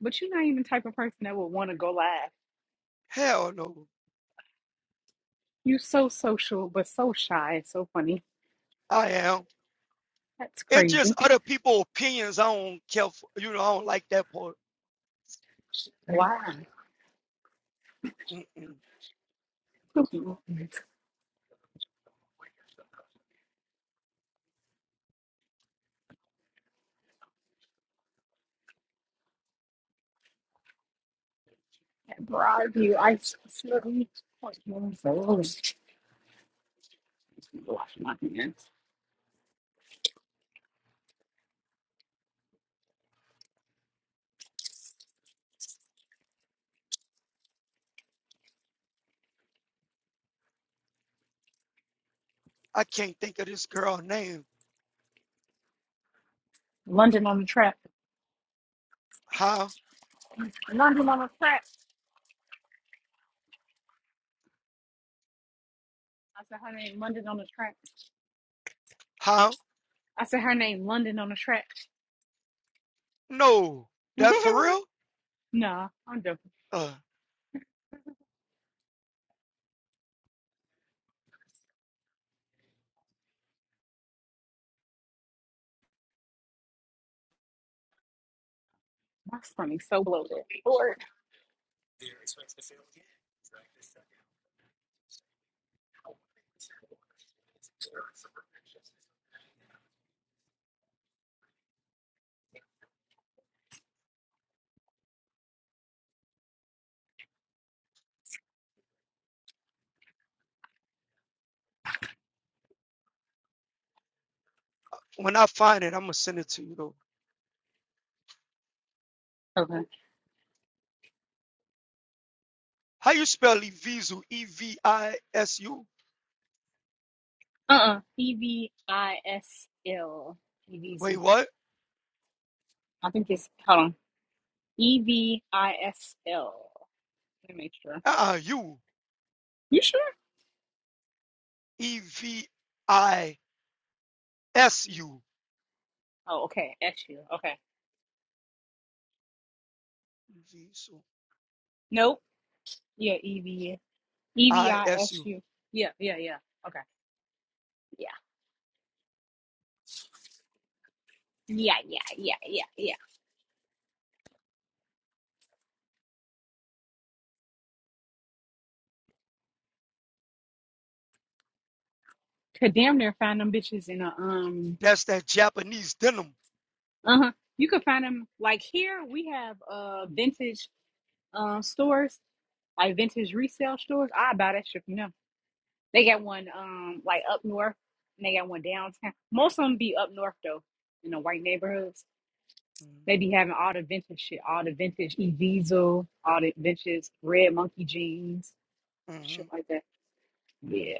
S1: But you're not even the type of person that would want to go live.
S6: Hell no,
S1: You so social, but so shy. It's so funny.
S6: I am.
S1: That's
S6: It's just
S1: crazy.
S6: other people' opinions. I don't care for, you know, I don't like that part.
S1: Wow.
S6: Mm-mm.
S1: At Broadview Ice Facility. Wash my hands.
S6: I can't think of this girl name.
S1: London on the track.
S6: How?
S1: London on the track. I said her name London on the track.
S6: How?
S1: I said her name London on the track.
S6: No,
S1: <laughs>
S6: that's for real?
S1: nah, I'm joking.
S6: Uh,
S1: My stomach's so bloated. Lord.
S6: when I find it, I'm gonna send it to you though.
S1: Okay.
S6: How you spell Evisu? E V I S U?
S1: Uh-uh. E V I S L. E-V-I-S-L.
S6: Wait,
S1: E-V-Z.
S6: what?
S1: I think it's, hold on. E-V-I-S-L. Let me make sure.
S6: Uh-uh, you.
S1: You sure?
S6: E-V-I-S-U.
S1: Oh, okay. S-U. Okay. Nope. Yeah, E V E V I S U. Yeah, yeah, yeah. Okay. Yeah. Yeah, yeah, yeah, yeah, yeah. Could damn near find them bitches in a um
S6: That's that Japanese denim.
S1: uh-huh. You could find them like here we have uh vintage um stores, like vintage resale stores. I buy that shit from them. They got one um like up north and they got one downtown. Most of them be up north though, in the white neighborhoods. They be having all the vintage shit, all the vintage E Diesel, all the vintage red monkey jeans,
S6: Mm-hmm.
S1: shit like that. Yeah.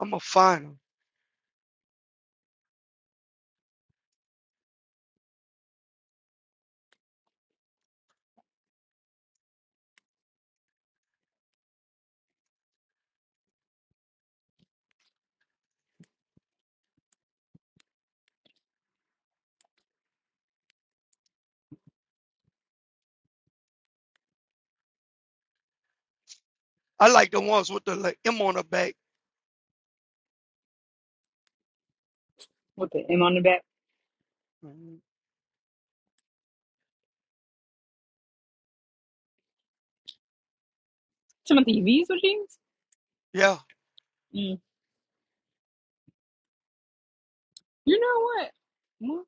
S6: I'm going to find them. I like the ones with the like, M on the back.
S1: with the M on the back.
S6: Mhm.
S1: some of Timothy V's with jeans.
S6: Yeah.
S1: Mm. You know what?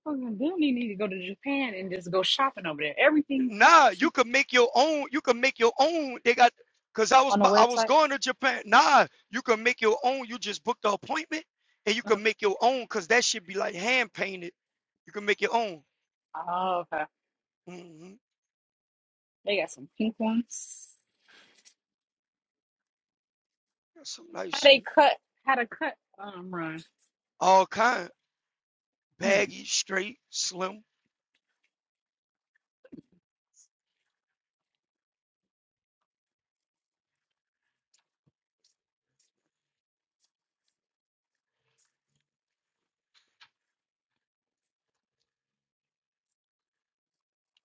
S1: Motherfucking Disney need to go to Japan and just go shopping over there. Everything fucking
S6: Nah, you
S1: cheap
S6: could make your own. You can make your own. They got, cause I was
S1: on the
S6: bu- I was
S1: website.
S6: going to Japan. Nah, you can make your own. You just book the appointment and you can make your own. Cause that should be like hand painted. You can make your own.
S1: Oh, okay.
S6: hmm
S1: They got some pink ones.
S6: That's some nice
S1: How they
S6: shit.
S1: cut? How to cut? Um, run.
S6: All kind.
S1: Mm.
S6: baggy, straight, slim.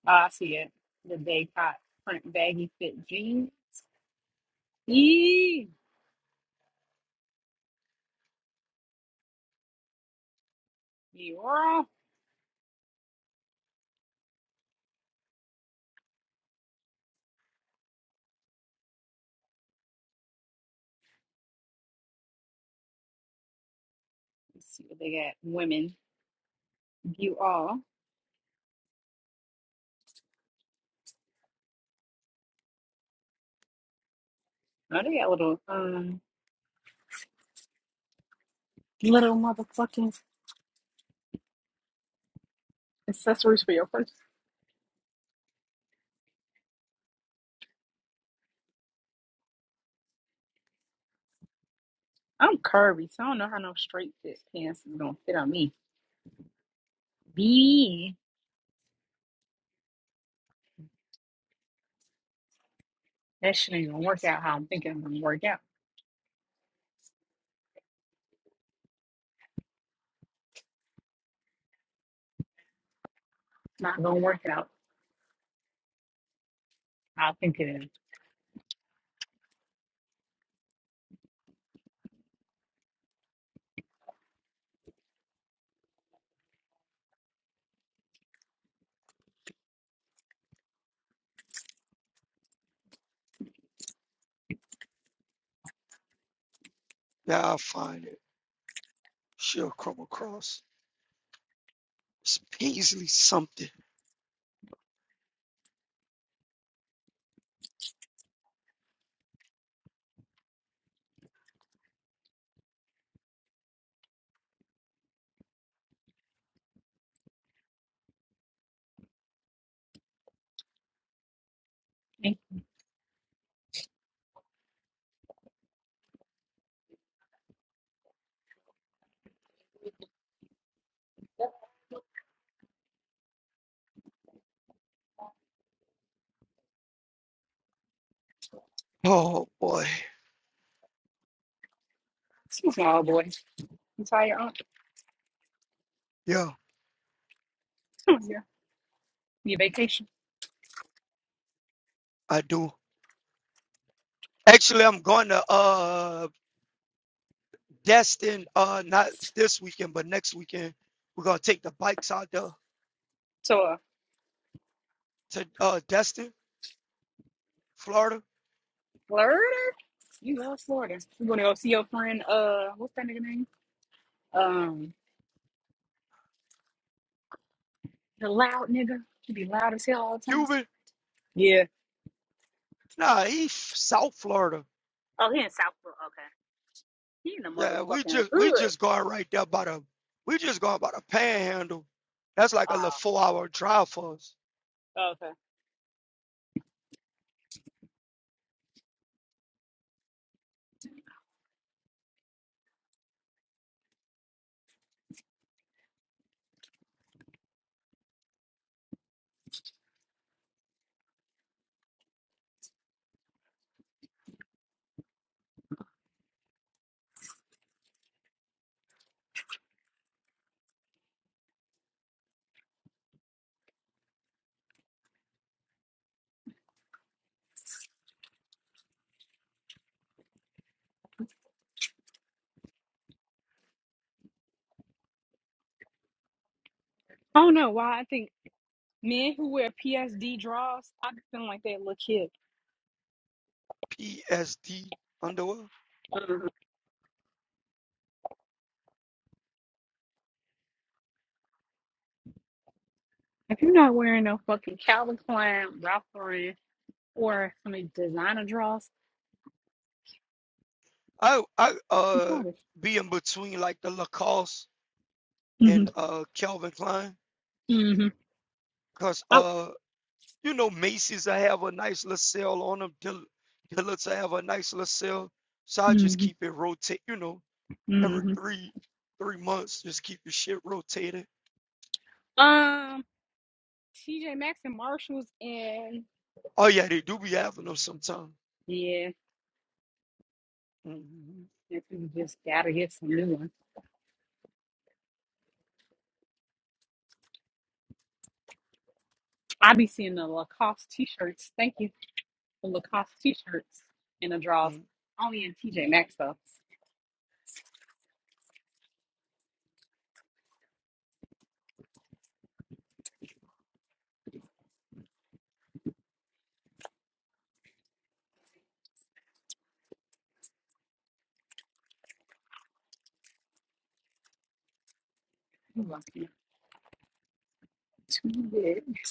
S1: Oh, I see it. The day hot print baggy fit jeans. Eee, you all. Let's see what they got. Women, you all. Oh, they got little um little motherfucking accessories for your purse. I'm curvy, so I don't know how no straight fit pants is gonna fit on me. B, that shit ain't gonna work out how I'm thinking it's gonna work out. It's not gonna work out how I think it is.
S6: Yeah, I'll find it. She'll come across. It's Paisley something.
S1: Hey,
S6: Oh boy.
S1: Excuse me, old boy. You saw your aunt.
S6: Yeah,
S1: Come here. Your <laughs> vacation.
S6: I do. Actually, I'm going to uh Destin uh not this weekend, but next weekend. We're gonna take the bikes out there
S1: So, uh,
S6: to uh Destin, Florida.
S1: Florida? You love Florida. You gonna go see your friend, uh, what's that nigga name? Um, the loud nigga. He be loud as hell all the time.
S6: Cuban?
S1: Yeah.
S6: Nah, he South Florida.
S1: Oh, he in South Florida. Okay. He in the
S6: Yeah, we
S1: motherfucking
S6: just we
S1: hood.
S6: just going right there by the we just going by the panhandle. That's like a little
S1: Oh,
S6: four hour drive for us.
S1: okay. I don't know why I think Men who wear PSD draws, I be feeling like that little kid.
S6: PSD underwear.
S1: Mhm. If you're not wearing no fucking Calvin Klein, Ralph Lauren, or some of these designer draws,
S6: I I
S1: you
S6: uh
S1: childish.
S6: be in between like the Lacoste
S1: hmm
S6: and uh Calvin Klein
S1: hmm
S6: because
S1: I,
S6: uh you know Macy's I have a nice little sale on them. Dill- Dillard's I have a nice little sale, so I just
S1: hmm
S6: keep it rotate. You know, every
S1: hmm
S6: three three months, just keep the shit rotated.
S1: Um, TJ Maxx and Marshalls and
S6: Oh yeah, they do be having them sometimes.
S1: yeah,
S6: Mm-hmm.
S1: if you just gotta get some new ones. I be seeing the Lacoste t-shirts. Thank you, the Lacoste t-shirts and the draws.
S6: Mm.
S1: Only in TJ Maxx though. Ooh, I'm feeling Too big.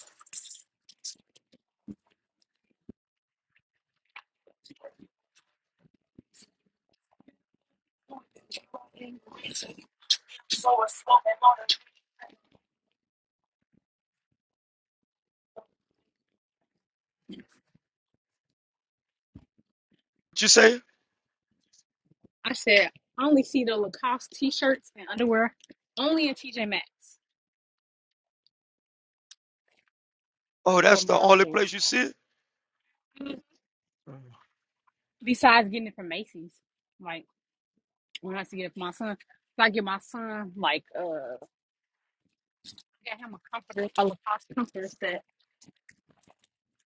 S6: What you say?
S1: I said, I only see the Lacoste t-shirts and underwear only in TJ Maxx
S6: Oh,
S1: or
S6: that's the only
S1: Marshalls.
S6: place you see it. Mhm.
S1: Besides getting it from Macy's, like when I used to get it for my son, 'Cause I get my son like uh, I got him a comforter, a Lacoste comforter set,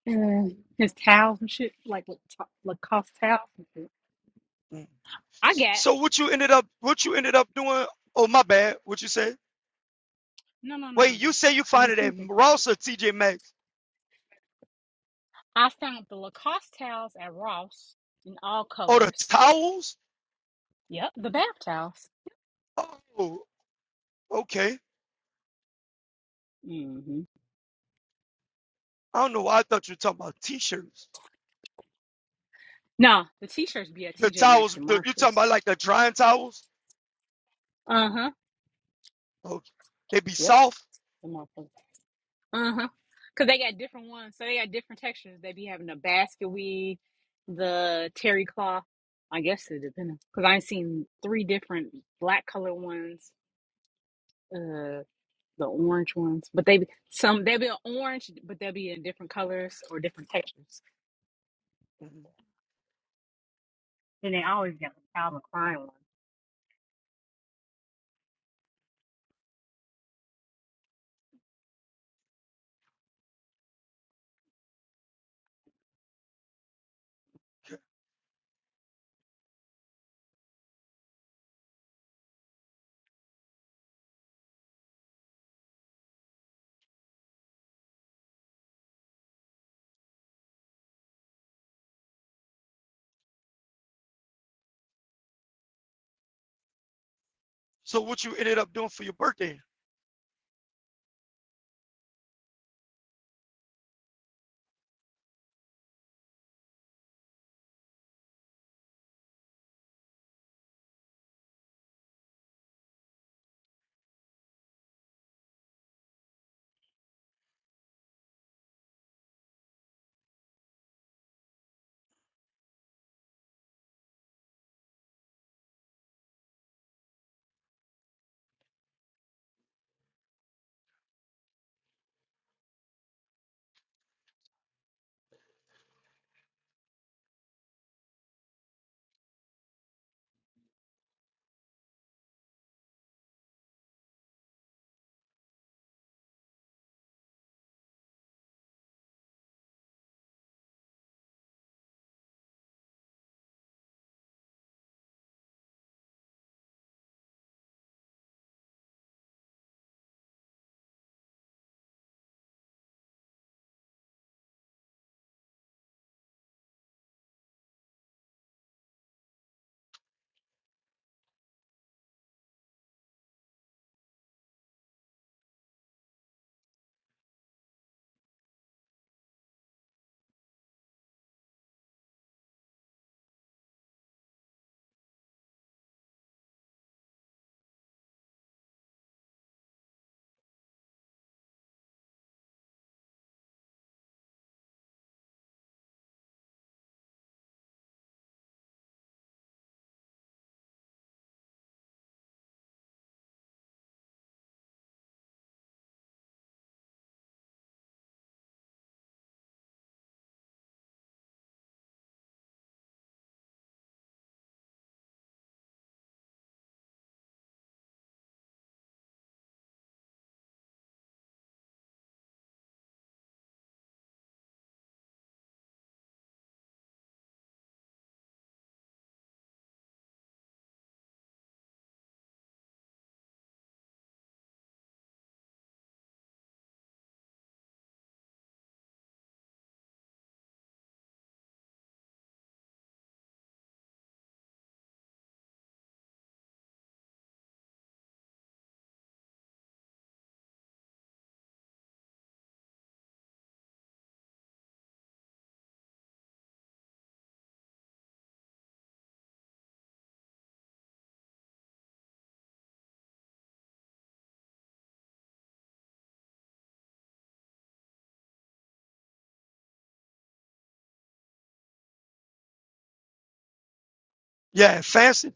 S1: and his towels and shit, like with Lacoste towels. And shit.
S6: Mm.
S1: I got
S6: So what you ended up what you ended up doing? Oh my bad. What you say?
S1: no, no, no, no.
S6: Wait,
S1: no.
S6: you say you
S1: I was
S6: find
S1: just
S6: it at
S1: thinking.
S6: Ross or TJ Maxx?
S1: I found the Lacoste towels at Ross in all
S6: Oh, the
S1: colors.
S6: towels?
S1: Yep, the bath towels.
S6: Oh, okay.
S1: Mm-hmm.
S6: I don't know. why I thought you were talking about t-shirts.
S1: No, the t-shirts be at
S6: The
S1: TJ Maxx
S6: towels,
S1: and
S6: the, you talking
S1: Marshalls.
S6: about like the drying towels?
S1: Uh-huh.
S6: Oh, they be
S1: Yep.
S6: soft.
S1: the Marshalls. Uh-huh. Cause they got different ones. So they got different textures. They be having the basket weave, the terry cloth. I guess it depends. Cause I seen three different black color ones, uh the orange ones. But they be some they be orange, but they'll be in different colors or different textures.
S6: Mhm.
S1: And they always got the Calvin Klein ones.
S6: So what you ended up doing for your birthday? Yeah, fancy.